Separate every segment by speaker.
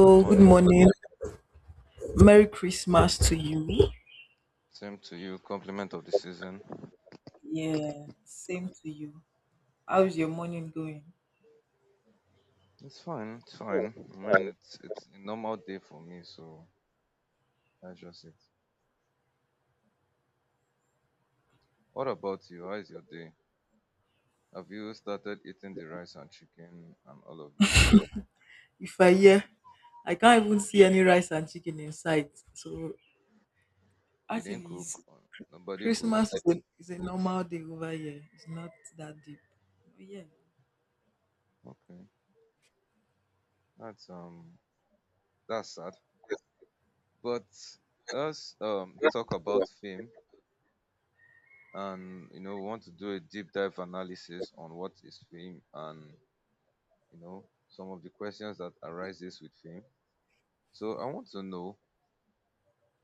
Speaker 1: Good
Speaker 2: good
Speaker 1: morning.
Speaker 2: morning. Merry Christmas to you.
Speaker 1: Same to you. Compliment of the season.
Speaker 2: Yeah, same to you. How's your morning going?
Speaker 1: It's fine. It's fine. Man, it's a normal day for me, so that's just it. What about you? How is your day? Have you started eating the rice and chicken and all of it?
Speaker 2: If I hear, I can't even see any rice and chicken in sight. So
Speaker 1: You didn't
Speaker 2: actually,
Speaker 1: cook,
Speaker 2: it's,
Speaker 1: or nobody
Speaker 2: Christmas
Speaker 1: cooked?
Speaker 2: is a normal day over here. It's not that deep. Oh yeah.
Speaker 1: Okay, that's um that's sad. But let's talk about fame, and we want to do a deep dive analysis on what is fame, and some of the questions that arises with fame. So I want to know,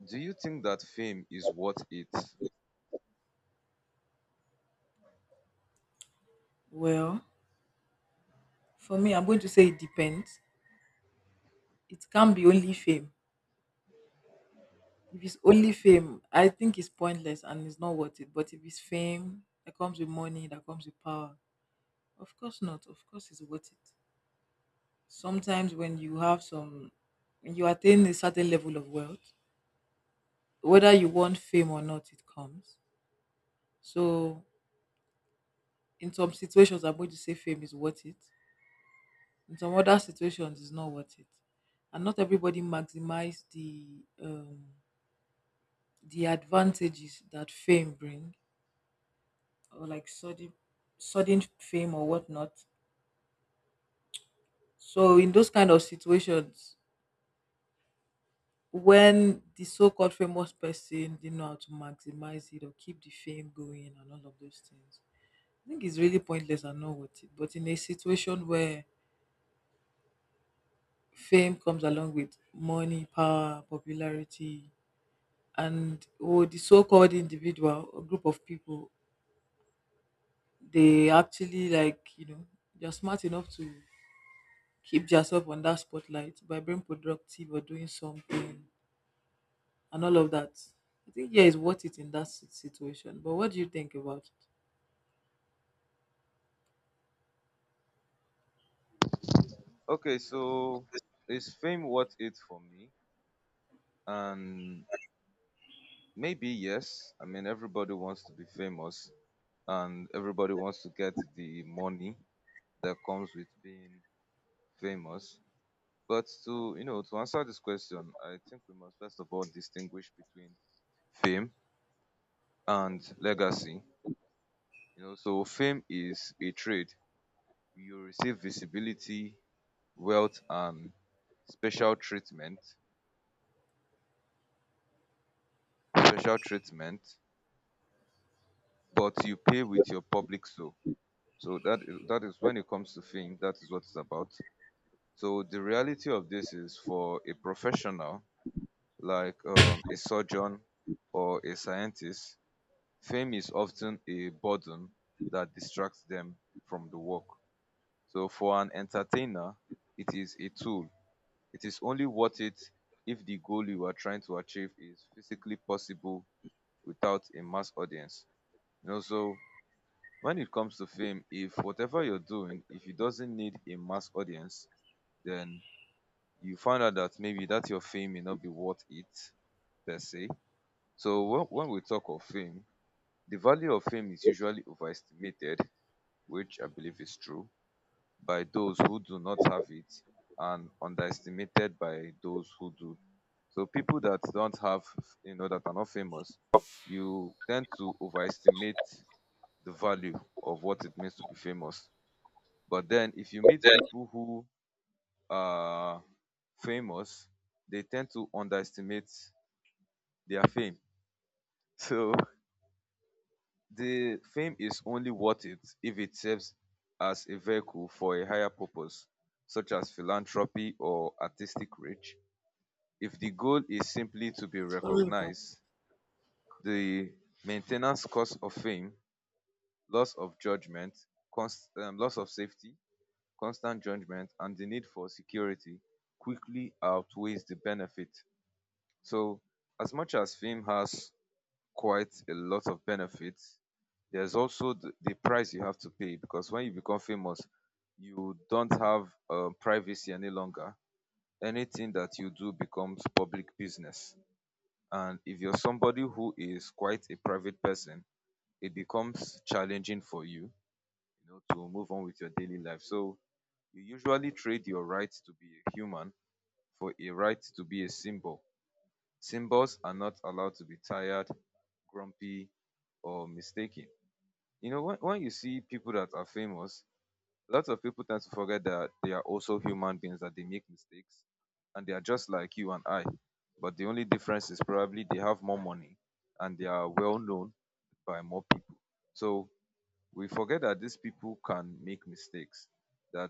Speaker 1: do you think that fame is worth it?
Speaker 2: Well, for me, I'm going to say it depends. It can be only fame. If it's only fame, I think it's pointless and it's not worth it. But if it's fame that comes with money, that comes with power, of course not. Of course it's worth it. Sometimes when you have some when you attain a certain level of wealth, whether you want fame or not, it comes. So in some situations I'm going to say fame is worth it. In some other situations it's not worth it. And not everybody maximize the advantages that fame bring, or like sudden fame or whatnot. So in those kind of situations when the so-called famous person didn't know how to maximize it or keep the fame going and all of those things, I think it's really pointless and not worth it. But in a situation where fame comes along with money, power, popularity, and oh, the so-called individual or group of people, they actually, like, you know, they're smart enough to keep themselves on that spotlight by being productive or doing something and all of that, I think yeah, it's worth it in that situation. But what do you think about it?
Speaker 1: Okay, so is fame worth it for me? And maybe yes. I mean, everybody wants to be famous and everybody wants to get the money that comes with being famous. But to answer this question, I think we must first of all distinguish between fame and legacy. You know, so fame is a trade. You receive visibility, wealth and special treatment special treatment but you pay with your public soul. So that is, when it comes to fame. That is what it's about. So the reality of this is, for a professional like a surgeon or a scientist, fame is often a burden that distracts them from the work. So for an entertainer, it is a tool. It is only worth it if the goal you are trying to achieve is physically possible without a mass audience. You know, so when it comes to fame, if whatever you're doing, if it doesn't need a mass audience, then you find out that maybe that your fame may not be worth it, per se. So when we talk of fame, the value of fame is usually overestimated, which I believe is true, by those who do not have it, and underestimated by those who do. So people that don't have, that are not famous, you tend to overestimate the value of what it means to be famous. But then if you meet
Speaker 2: Yeah.
Speaker 1: people who are famous, they tend to underestimate their fame. So the fame is only worth it if it serves as a vehicle for a higher purpose, such as philanthropy or artistic reach. If the goal is simply to be
Speaker 2: Sorry about-
Speaker 1: recognized, the maintenance cost of fame, loss of judgment, loss of safety, constant judgment and the need for security quickly outweighs the benefit. So, as much as fame has quite a lot of benefits, there's also the price you have to pay, because when you become famous, you don't have privacy any longer. Anything that you do becomes public business. And if you're somebody who is quite a private person, it becomes challenging for you, to move on with your daily life. So, you usually trade your right to be a human for a right to be a symbol. Symbols are not allowed to be tired, grumpy, or mistaken. You know, when you see people that are famous, lots of people tend to forget that they are also human beings, that they make mistakes, and they are just like you and I. But the only difference is probably they have more money and they are well known by more people. So we forget that these people can make mistakes, that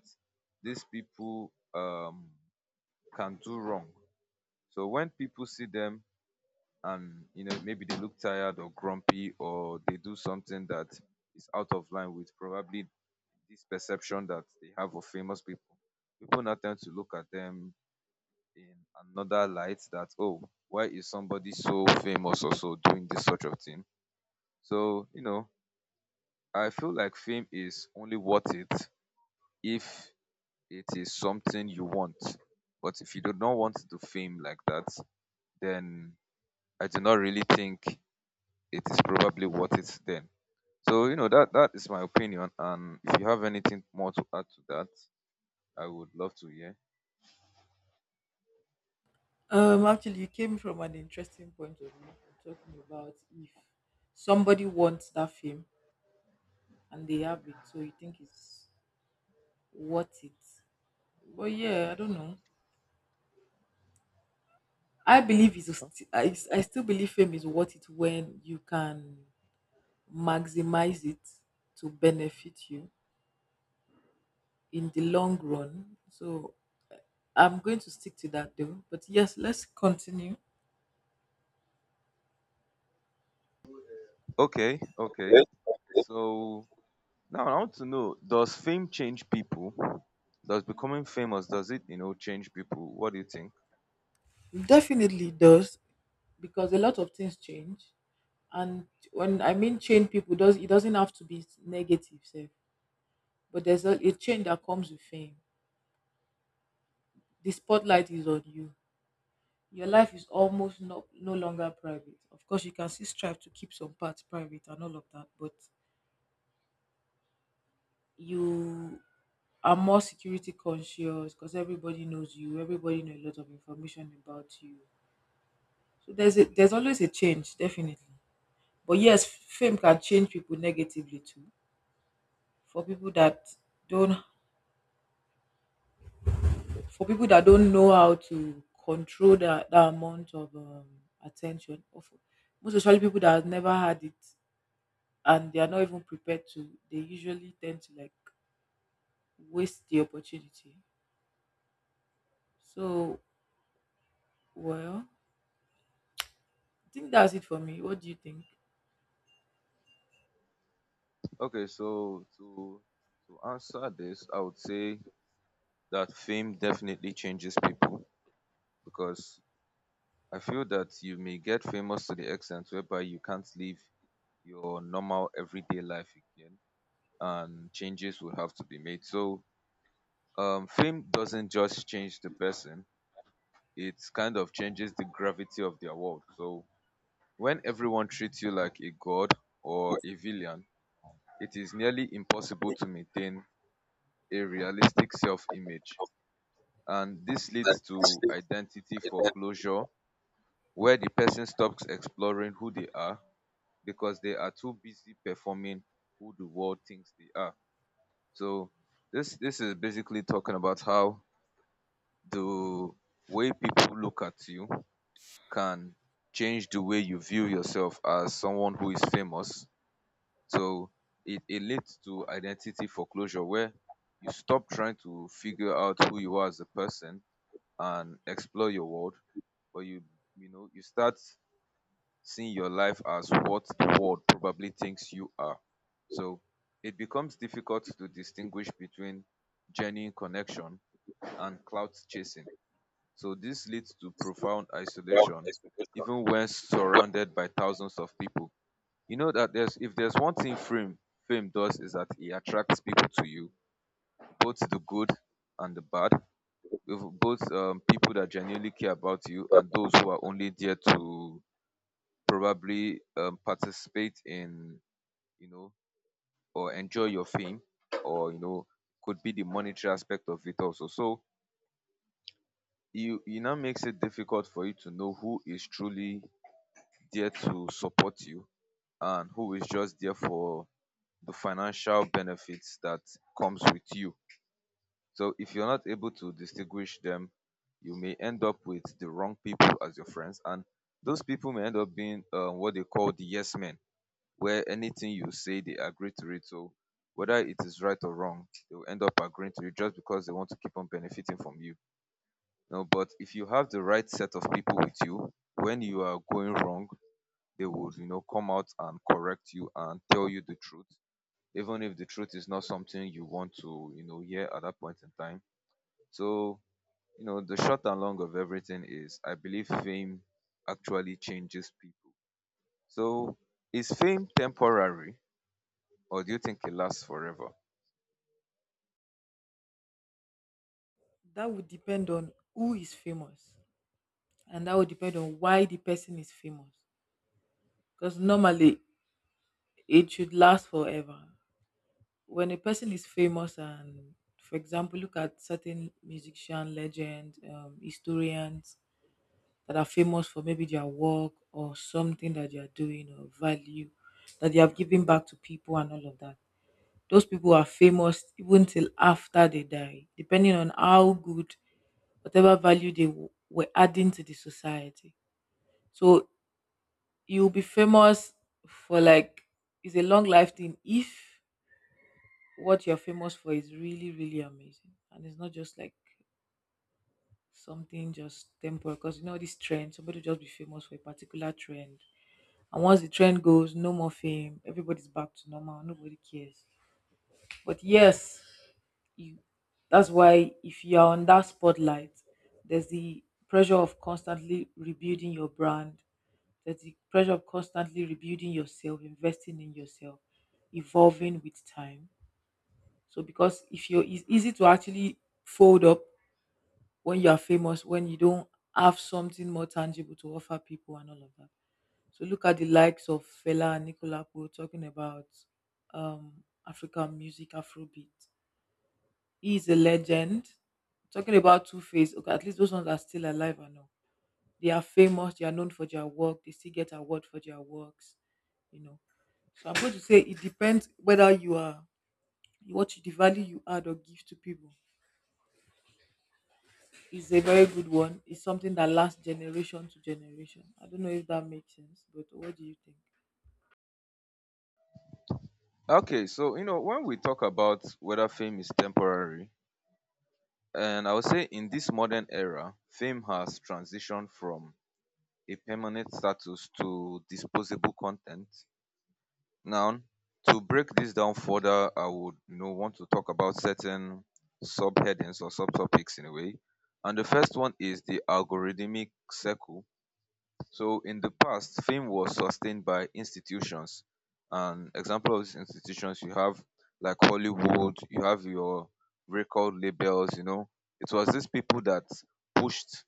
Speaker 1: these people can do wrong. So when people see them, and maybe they look tired or grumpy, or they do something that is out of line with probably this perception that they have of famous people, people now tend to look at them in another light, that, oh, why is somebody so famous or so doing this sort of thing? So I feel like fame is only worth it if it is something you want. But if you do not want the fame like that, then I do not really think it is probably worth it then. So, that is my opinion. And if you have anything more to add to that, I would love to hear.
Speaker 2: um, actually, you came from an interesting point of view talking about if somebody wants that fame and they have it, so you think it's worth it. But yeah, I don't know. I believe it's a st- I s- I still believe fame is worth it when you can maximize it to benefit you in the long run. So I'm going to stick to that though. But yes, let's continue.
Speaker 1: Okay, okay.
Speaker 2: Okay.
Speaker 1: So now I want to know, does fame change people? Does becoming famous, does it, change people? What do you think?
Speaker 2: Definitely does, because a lot of things change. And when I mean change people does, it doesn't have to be negative sef, but there's a change that comes with fame. The spotlight is on you. Your life is almost no longer private. Of course you can still strive to keep some parts private and all of that, but you are more security conscious because everybody knows you, everybody knows a lot of information about you. So there's there's always a change, definitely. But yes, fame can change people negatively too, for people that don't for people that don't know how to control that amount of attention, or for most especially people that have never had it and they are not even prepared to, they usually tend to like waste the opportunity. So, well, I think that's it for me. What do you think?
Speaker 1: Okay, so to answer this, I would say that fame definitely changes people, because I feel that you may get famous to the extent whereby you can't live your normal everyday life again, and changes will have to be made. So fame doesn't just change the person, it kind of changes the gravity of their world. So when everyone treats you like a god or a villain, it is nearly impossible to maintain a realistic self image. And this leads to identity foreclosure, where the person stops exploring who they are because they are too busy performing who the world thinks they are. So this is basically talking about how the way people look at you can change the way you view yourself as someone who is famous. So it leads to identity foreclosure, where you stop trying to figure out who you are as a person and explore your world, but you start seeing your life as what the world probably thinks you are. So it becomes difficult to distinguish between genuine connection and clout chasing. So this leads to profound isolation, even when surrounded by thousands of people. You know that there's if there's one thing fame does, is that it attracts people to you, both the good and the bad, with both people that genuinely care about you and those who are only there to probably participate in, you know or enjoy your fame, or could be the monetary aspect of it also. So you it now makes it difficult for you to know who is truly there to support you and who is just there for the financial benefits that comes with you. So if you're not able to distinguish them, you may end up with the wrong people as your friends, and those people may end up being what they call the yes men, where anything you say they agree to it. So whether it is right or wrong, they will end up agreeing to it just because they want to keep on benefiting from you. You know, but if you have the right set of people with you, when you are going wrong, they would, come out and correct you and tell you the truth, even if the truth is not something you want to, hear at that point in time. So, the short and long of everything is I believe fame actually changes people. So is fame temporary, or do you think it lasts forever?
Speaker 2: That would depend on who is famous and that would depend on why the person is famous, because normally it should last forever. When a person is famous, and for example, look at certain musician legends, historians that are famous for maybe their work or something that they are doing or value that they have given back to people and all of that. Those people are famous even till after they die, depending on how good, whatever value they were adding to the society. So you'll be famous for like, it's a long life thing if what you're famous for is really, really amazing. And it's not just like something just temporary, because you know this trend, somebody will just be famous for a particular trend. And once the trend goes, no more fame, everybody's back to normal, nobody cares. But yes, you, that's why if you're on that spotlight, there's the pressure of constantly rebuilding your brand, there's the pressure of constantly rebuilding yourself, investing in yourself, evolving with time. So because if you are, it's easy to actually fold up when you are famous, when you don't have something more tangible to offer people and all of that. So look at the likes of Fela and Nicola talking about African music, Afrobeat. He is a legend. Talking about Two Face, okay, at least those ones are still alive and all. They are famous, they are known for their work, they still get award for their works, you know. So I'm going to say it depends whether you are what you, the value you add or give to people is a very good one. It's something that lasts generation to generation. I don't know if that makes sense, but what do you think?
Speaker 1: Okay, so when we talk about whether fame is temporary, and I would say in this modern era, fame has transitioned from a permanent status to disposable content. Now, to break this down further, I would want to talk about certain subheadings or subtopics in a way. And the first one is the algorithmic circle. So in the past, fame was sustained by institutions. And example of these institutions, you have like Hollywood, you have your record labels. It was these people that pushed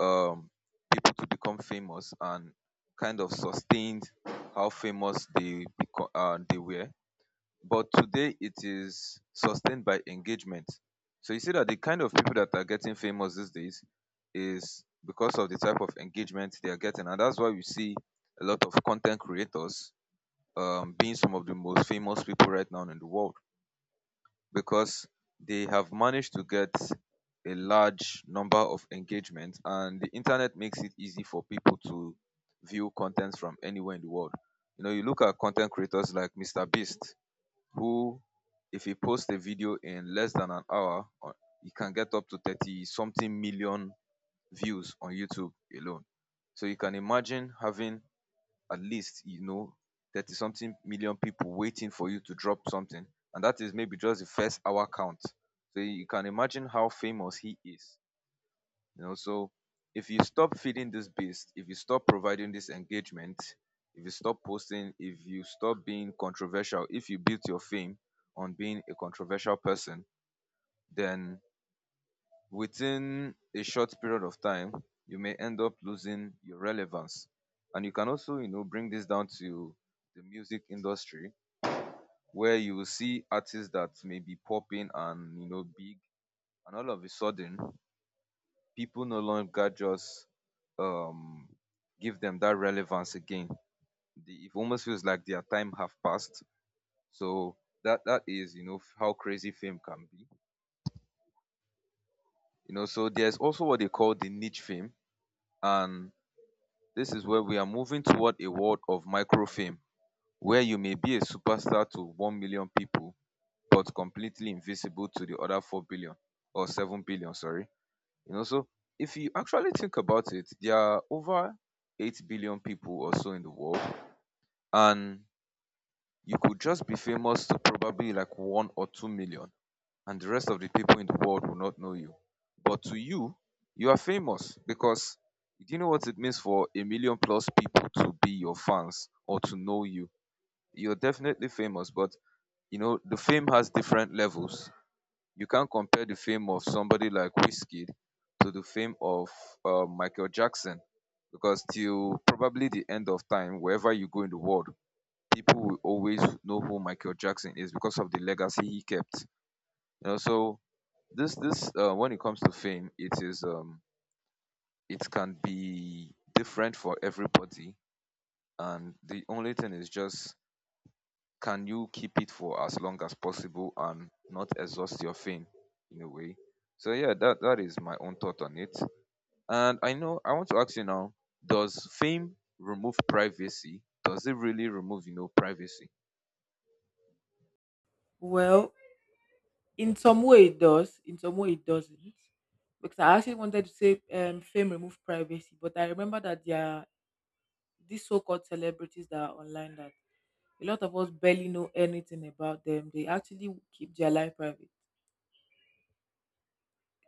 Speaker 1: um people to become famous and kind of sustained how famous they they were, but today it is sustained by engagement. So you see that the kind of people that are getting famous these days is because of the type of engagement they are getting, and that's why we see a lot of content creators being some of the most famous people right now in the world, because they have managed to get a large number of engagement, and the internet makes it easy for people to view content from anywhere in the world. You know, you look at content creators like Mr. Beast, who, if he posts a video in less than an hour, he can get up to 30 something million views on YouTube alone. So you can imagine having at least, 30 something million people waiting for you to drop something. And that is maybe just the first hour count. So you can imagine how famous he is. You know, so if you stop feeding this beast, if you stop providing this engagement, if you stop posting, if you stop being controversial, if you build your fame on being a controversial person, then within a short period of time, you may end up losing your relevance. And you can also, bring this down to the music industry, where you will see artists that may be popping and, big, and all of a sudden people no longer just um give them that relevance again. It almost feels like their time have passed. So that is how crazy fame can be. You know, so there's also what they call the niche fame, and this is where we are moving toward a world of micro fame, where you may be a superstar to 1 million people, but completely invisible to the other 4 billion or 7 billion, sorry. You know, so if you actually think about it, there are over 8 billion people or so in the world, and you could just be famous to probably like 1 or 2 million, and the rest of the people in the world will not know you. But to you, you are famous because do you know what it means for a million plus people to be your fans or to know you? You're definitely famous, but you know, the fame has different levels. You can't compare the fame of somebody like whiskey to the fame of Michael Jackson because till probably the end of time, wherever you go in the world, people will always know who Michael Jackson is because of the legacy he kept. You know, so this when it comes to fame, it can be different for everybody, and the only thing is just can you keep it for as long as possible and not exhaust your fame in a way? So yeah, that is my own thought on it. And I know I want to ask you now, does fame remove privacy? Does it really remove privacy?
Speaker 2: Well, in some way it does, in some way it doesn't. Because I actually wanted to say fame remove privacy, but I remember that there are these so called celebrities that are online that a lot of us barely know anything about them. They actually keep their life private.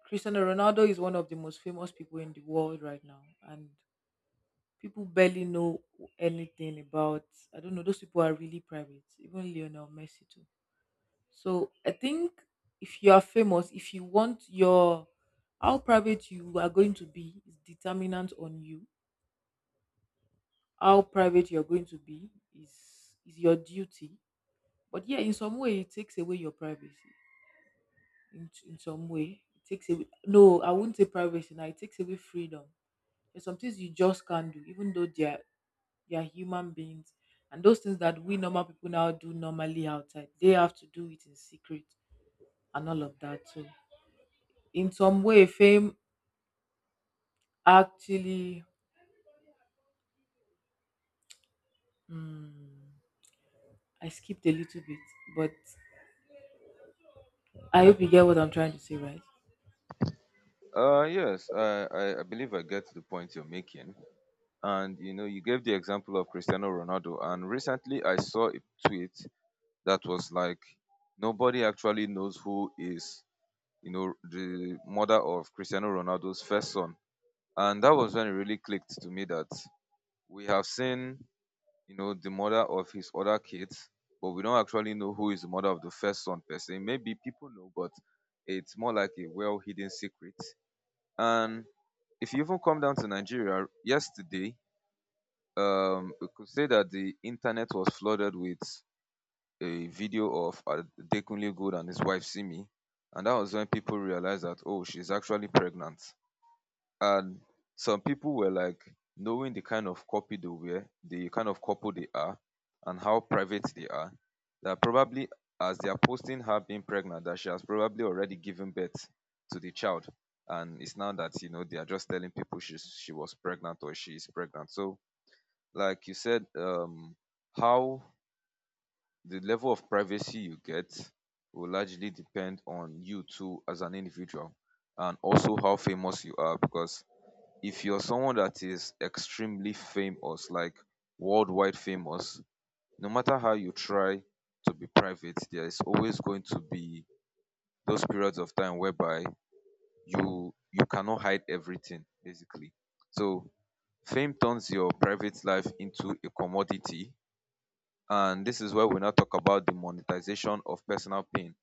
Speaker 2: Cristiano Ronaldo is one of the most famous people in the world right now, and people barely know anything about, I don't know, those people are really private, even Lionel Messi too. So I think if you are famous, if you want your, how private you are going to be is determinant on you. How private you're going to be is your duty. But yeah, in some way it takes away your privacy. In some way it takes away, no, I wouldn't say privacy now, it takes away freedom. There's some things you just can't do, even though they are, they are human beings, and those things that we normal people now do normally outside, they have to do it in secret and all of that too. In some way fame actually, hmm, I skipped a little bit, but I hope you get what I'm trying to say, right?
Speaker 1: Yes, I believe I get the point you're making. And you know, you gave the example of Cristiano Ronaldo, and recently I saw a tweet that was like, nobody actually knows who is the mother of Cristiano Ronaldo's first son. And that was when it really clicked to me that we have seen the mother of his other kids, but we don't actually know who is the mother of the first son per se. Maybe people know, but it's more like a well hidden secret. And if you even come down to Nigeria yesterday, we could say that the internet was flooded with a video of Adekunle Gold and his wife Simi, and that was when people realized that oh, she's actually pregnant. And some people were like, knowing the kind of copy they were, the kind of couple they are, and how private they are, that probably as they are posting her being pregnant, that she has probably already given birth to the child. And it's now that they are just telling people she was pregnant or she is pregnant. So, like you said, how the level of privacy you get will largely depend on you too as an individual and also how famous you are because if you're someone that is extremely famous, like worldwide famous, no matter how you try to be private, there is always going to be those periods of time whereby you cannot hide everything, basically. So fame turns your private life into a commodity, and this is where we now talk about the monetization of personal pain.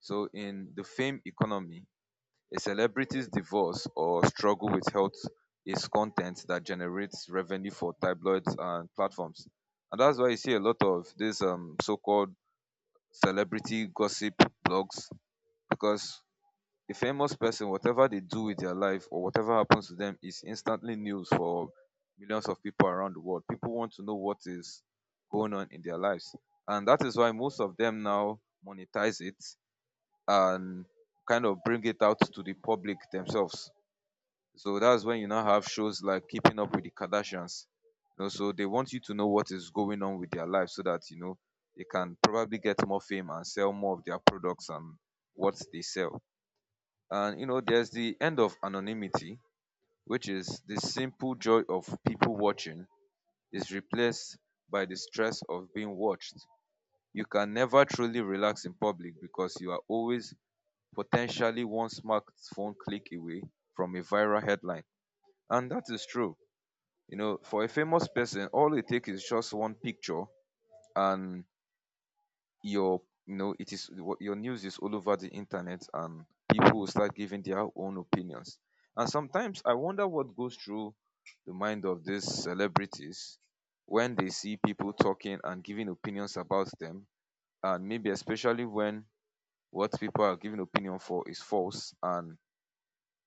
Speaker 1: So in the fame economy, a celebrity's divorce or struggle with health is content that generates revenue for tabloids and platforms. And that's why you see a lot of these so-called celebrity gossip blogs because a famous person, whatever they do with their life or whatever happens to them is instantly news for millions of people around the world. People want to know what is going on in their lives. And that is why most of them now monetize it and kind of bring it out to the public themselves, so that's when you now have shows like Keeping Up with the Kardashians. You know, so they want you to know what is going on with their life so that you know they can probably get more fame and sell more of their products and what they sell. And you know, there's the end of anonymity, which is the simple joy of people watching is replaced by the stress of being watched. You can never truly relax in public because you are always potentially one smartphone click away from a viral headline. And that is true. You know, for a famous person, all it takes is just one picture and your you know, it is what- your news is all over the internet and people will start giving their own opinions. And sometimes I wonder what goes through the mind of these celebrities when they see people talking and giving opinions about them and maybe especially when what people are giving opinion for is false and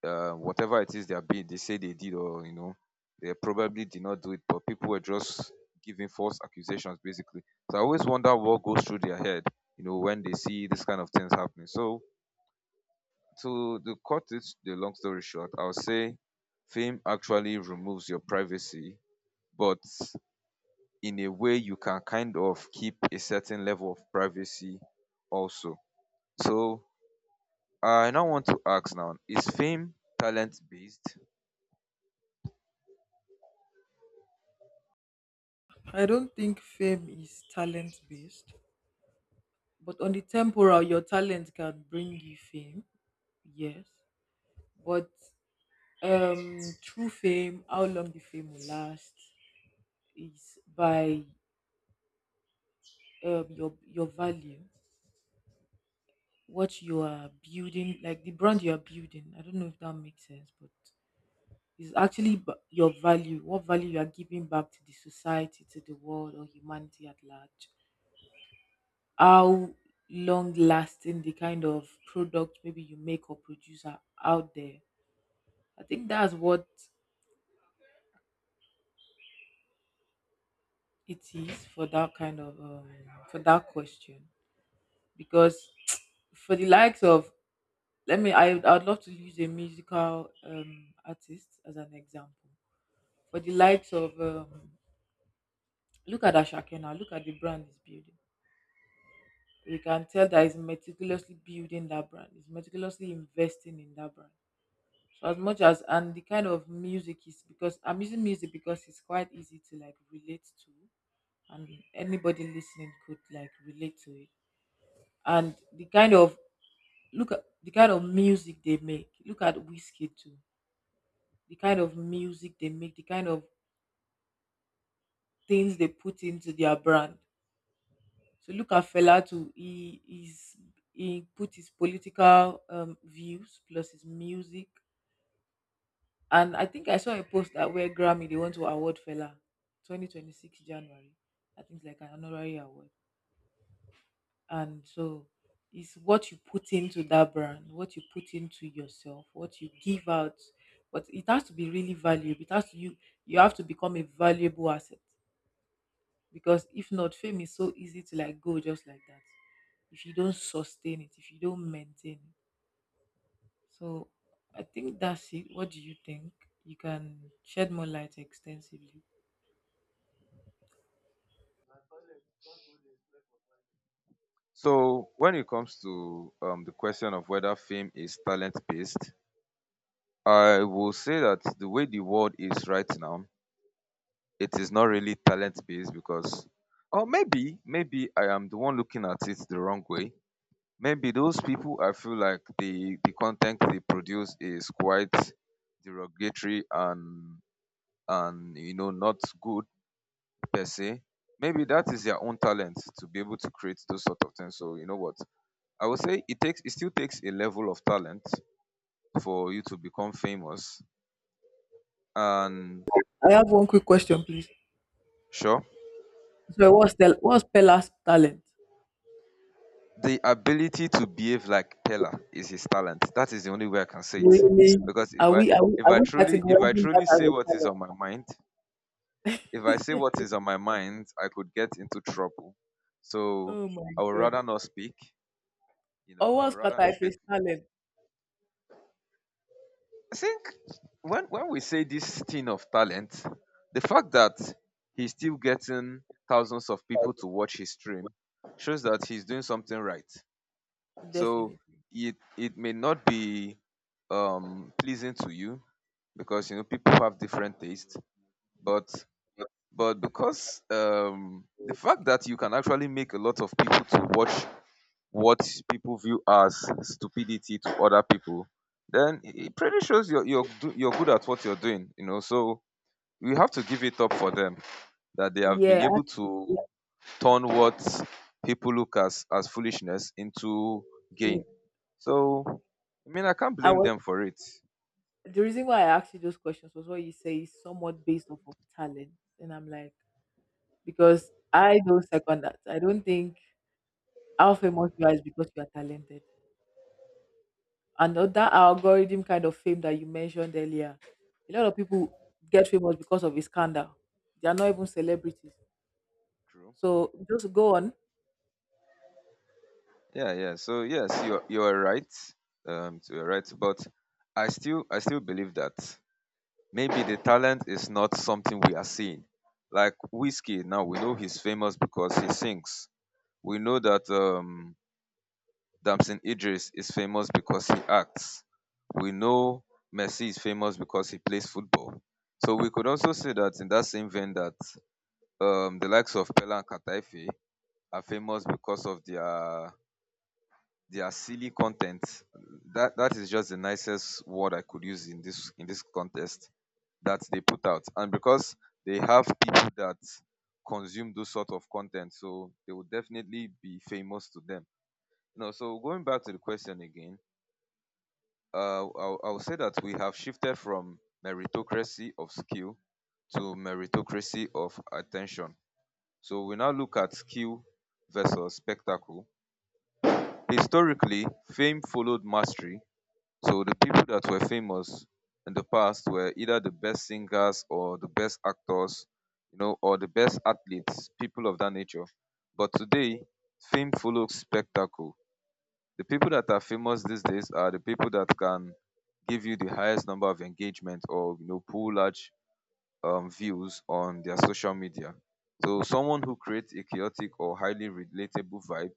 Speaker 1: whatever it is they say they did, or they probably did not do it, but people were just giving false accusations basically. So I always wonder what goes through their head when they see this kind of things happening. So to the cut it the long story short, I'll say fame actually removes your privacy, but in a way you can kind of keep a certain level of privacy also. So I now want to ask now, is fame talent based?
Speaker 2: I don't think fame is talent based, but on the temporal your talent can bring you fame, yes. But true fame, how long the fame will last, is by your value, what you are building, like the brand you are building. I don't know if that makes sense, but it's actually your value, what value you are giving back to the society, to the world, or humanity at large. How long lasting the kind of product maybe you make or produce are out there. I think that's what it is for that kind of for that question. Because for the likes of, let me, I'd love to use a musical artist as an example. For the likes of look at Ashake now, look at the brand he's building. You can tell that he's meticulously building that brand, he's meticulously investing in that brand. So as much as, and the kind of music is, because I'm using music because it's quite easy to like relate to, and anybody listening could like relate to it. And the kind of, look at the kind of music they make. Look at whiskey too. The kind of music they make, the kind of things they put into their brand. So look at Fela too. He is, he put his political views plus his music. And I think I saw a post that where Grammy they want to award Fela 2026 January. I think it's like an honorary award. And so it's what you put into that brand, what you put into yourself, what you give out. But it has to be really valuable. It has to, you have to become a valuable asset. Because if not, fame is so easy to like go just like that, if you don't sustain it, if you don't maintain it. So I think that's it. What do you think? You can shed more light extensively.
Speaker 1: So when it comes to the question of whether fame is talent based, I will say that the way the world is right now, it is not really talent based because, or maybe I am the one looking at it the wrong way. Maybe those people, I feel like the content they produce is quite derogatory and not good per se. Maybe that is their own talent to be able to create those sort of things. So you know what, I would say it still takes a level of talent for you to become famous. And
Speaker 2: I have one quick question, please.
Speaker 1: sure,
Speaker 2: So what's the, what's Pella's talent?
Speaker 1: the ability to behave like Pella is his talent. That is the only way I can say it.
Speaker 2: Really?
Speaker 1: Because
Speaker 2: Are we
Speaker 1: if I
Speaker 2: categorizing that
Speaker 1: truly say
Speaker 2: as a
Speaker 1: what is
Speaker 2: talent?
Speaker 1: on my mind, if I say what is on my mind, I could get into trouble. So
Speaker 2: Oh my
Speaker 1: I would
Speaker 2: god.
Speaker 1: rather not speak. You know,
Speaker 2: Or
Speaker 1: I would
Speaker 2: was
Speaker 1: rather
Speaker 2: Kata
Speaker 1: not
Speaker 2: if
Speaker 1: speak.
Speaker 2: it's talent?
Speaker 1: I think when we say this thing of talent, the fact that he's still getting thousands of people to watch his stream shows that he's doing something right. So
Speaker 2: Definitely.
Speaker 1: it may not be pleasing to you because you know people have different tastes, but because the fact that you can actually make a lot of people to watch what people view as stupidity to other people, then it pretty shows you're good at what you're doing. So we have to give it up for them that they have been
Speaker 2: Yeah,
Speaker 1: able
Speaker 2: actually,
Speaker 1: to turn what people look as foolishness into gain.
Speaker 2: actually,
Speaker 1: So I mean, I can't
Speaker 2: I
Speaker 1: blame
Speaker 2: was,
Speaker 1: them for it.
Speaker 2: the reason why I asked you those questions was what you say is somewhat based off of talent. And I'm like, because I don't second that. I don't think how famous you are is because you are talented. And that algorithm kind of fame that you mentioned earlier, a lot of people get famous because of a scandal. They are not even celebrities.
Speaker 1: True.
Speaker 2: So just go on.
Speaker 1: Yeah, yeah. So yes, you're right. So you're right, but I still believe that maybe the talent is not something we are seeing. Like Whiskey now, we know he's famous because he sings. We know that Damson Idris is famous because he acts. We know Messi is famous because he plays football. So we could also say that in that same vein that the likes of Pele and Kataife are famous because of their silly content. That is just the nicest word I could use in this contest that they put out. And because they have people that consume those sort of content, so they will definitely be famous to them. You know, so going back to the question again, I'll say that we have shifted from meritocracy of skill to meritocracy of attention. So we now look at skill versus spectacle. Historically, fame followed mastery. So the people that were famous in the past were either the best singers or the best actors, you know, or the best athletes, people of that nature. But today, fame follows spectacle. The people that are famous these days are the people that can give you the highest number of engagement or pull large views on their social media. So someone who creates a chaotic or highly relatable vibe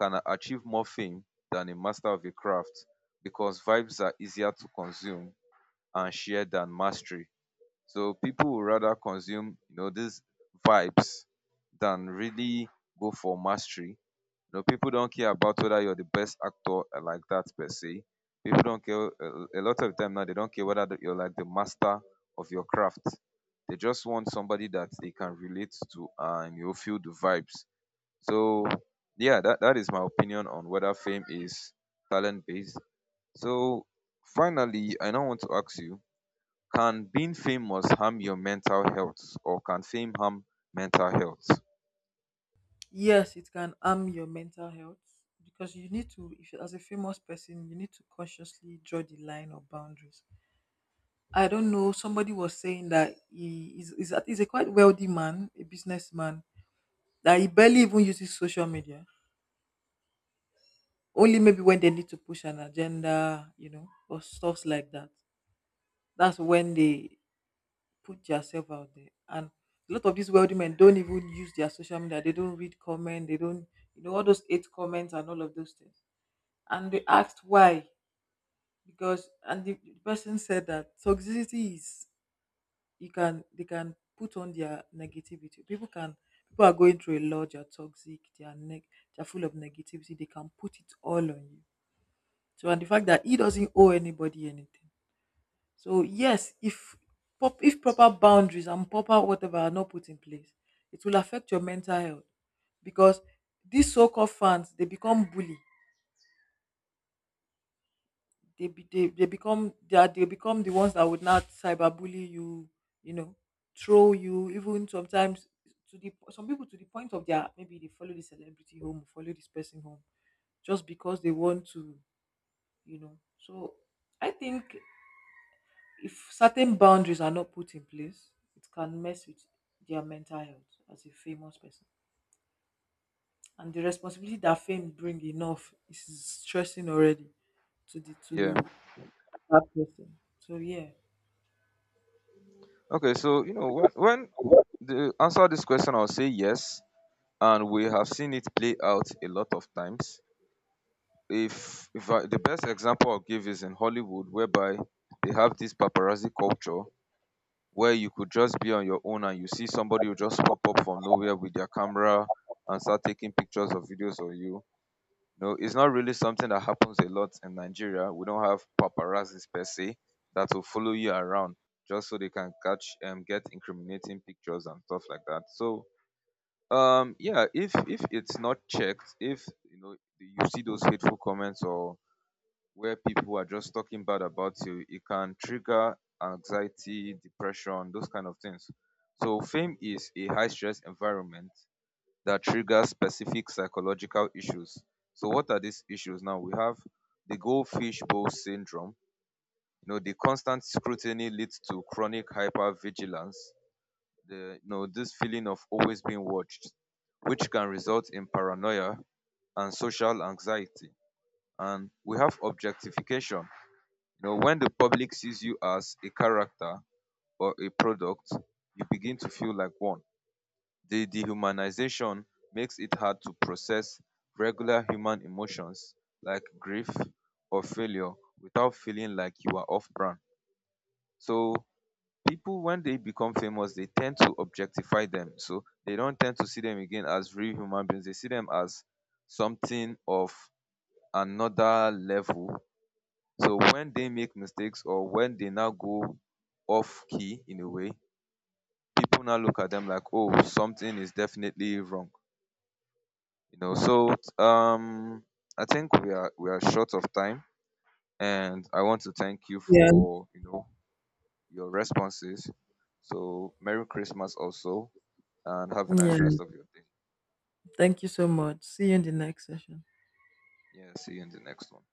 Speaker 1: can achieve more fame than a master of a craft because vibes are easier to consume and share than mastery. So people would rather consume these vibes than really go for mastery. You know, people don't care about whether you're the best actor like that per se. People don't care. A lot of time now, they don't care whether that you're like the master of your craft. They just want somebody that they can relate to and you'll feel the vibes. So yeah, that is my opinion on whether fame is talent based. So finally, I now want to ask you, can being famous harm your mental health or can fame harm mental health?
Speaker 2: Yes, it can harm your mental health, because you need to, if as a famous person you need to consciously draw the line of boundaries. I don't know, somebody was saying that he is a, he's a quite wealthy man, a businessman, that he barely even uses social media, only maybe when they need to push an agenda, you know, or stuffs like that, that's when they put themselves out there. And a lot of these wealthy men don't even use their social media, they don't read comment, they don't, you know, all those eight comments and all of those things. And they asked why. Because, and the person said that toxicity is, you can, they can put on their negativity, people can, people are going through a lot, they're toxic, they're they're full of negativity, they can put it all on you. So, and the fact that he doesn't owe anybody anything. So yes, if if proper boundaries and proper whatever are not put in place, it will affect your mental health. Because these so-called fans, they become bully, they become, they become the ones that would not cyberbully you, you know, throw you, even sometimes to the, some people, to the point of their, maybe they follow the celebrity home, follow this person home, just because they want to, you know. So I think if certain boundaries are not put in place, it can mess with their mental health as a famous person. And the responsibility that fame bring enough is stressing already to the,
Speaker 1: Yeah.
Speaker 2: to that person. So yeah,
Speaker 1: Okay, so when the answer this question, I'll say yes, and we have seen it play out a lot of times. If I, the best example I'll give is in Hollywood whereby they have this paparazzi culture where you could just be on your own and you see somebody who just pop up from nowhere with their camera and start taking pictures or videos of you. No, it's not really something that happens a lot in Nigeria. We don't have paparazzi per se that will follow you around just so they can catch and get incriminating pictures and stuff like that. So, yeah, if it's not checked, if you know you see those hateful comments or where people are just talking bad about you, it can trigger anxiety, depression, those kind of things. So, fame is a high stress environment that triggers specific psychological issues. So, what are these issues now? We have the goldfish bowl syndrome. You know, the constant scrutiny leads to chronic hypervigilance. This feeling of always being watched, which can result in paranoia and social anxiety. And we have objectification. You know, when the public sees you as a character or a product, you begin to feel like one. The dehumanization makes it hard to process regular human emotions like grief or failure without feeling like you are off brand. So, people, when they become famous, they tend to objectify them. So, they don't tend to see them again as real human beings, they see them as something of another level, so when they make mistakes or when they now go off key in a way, people now look at them like, oh, something is definitely wrong. You know, so um I think we are short of time and I want to thank you
Speaker 2: yeah.
Speaker 1: for your responses. So Merry Christmas also and have a nice
Speaker 2: Yeah.
Speaker 1: rest of your day.
Speaker 2: Thank you so much. See you in the next session.
Speaker 1: Yeah, see you in the next one.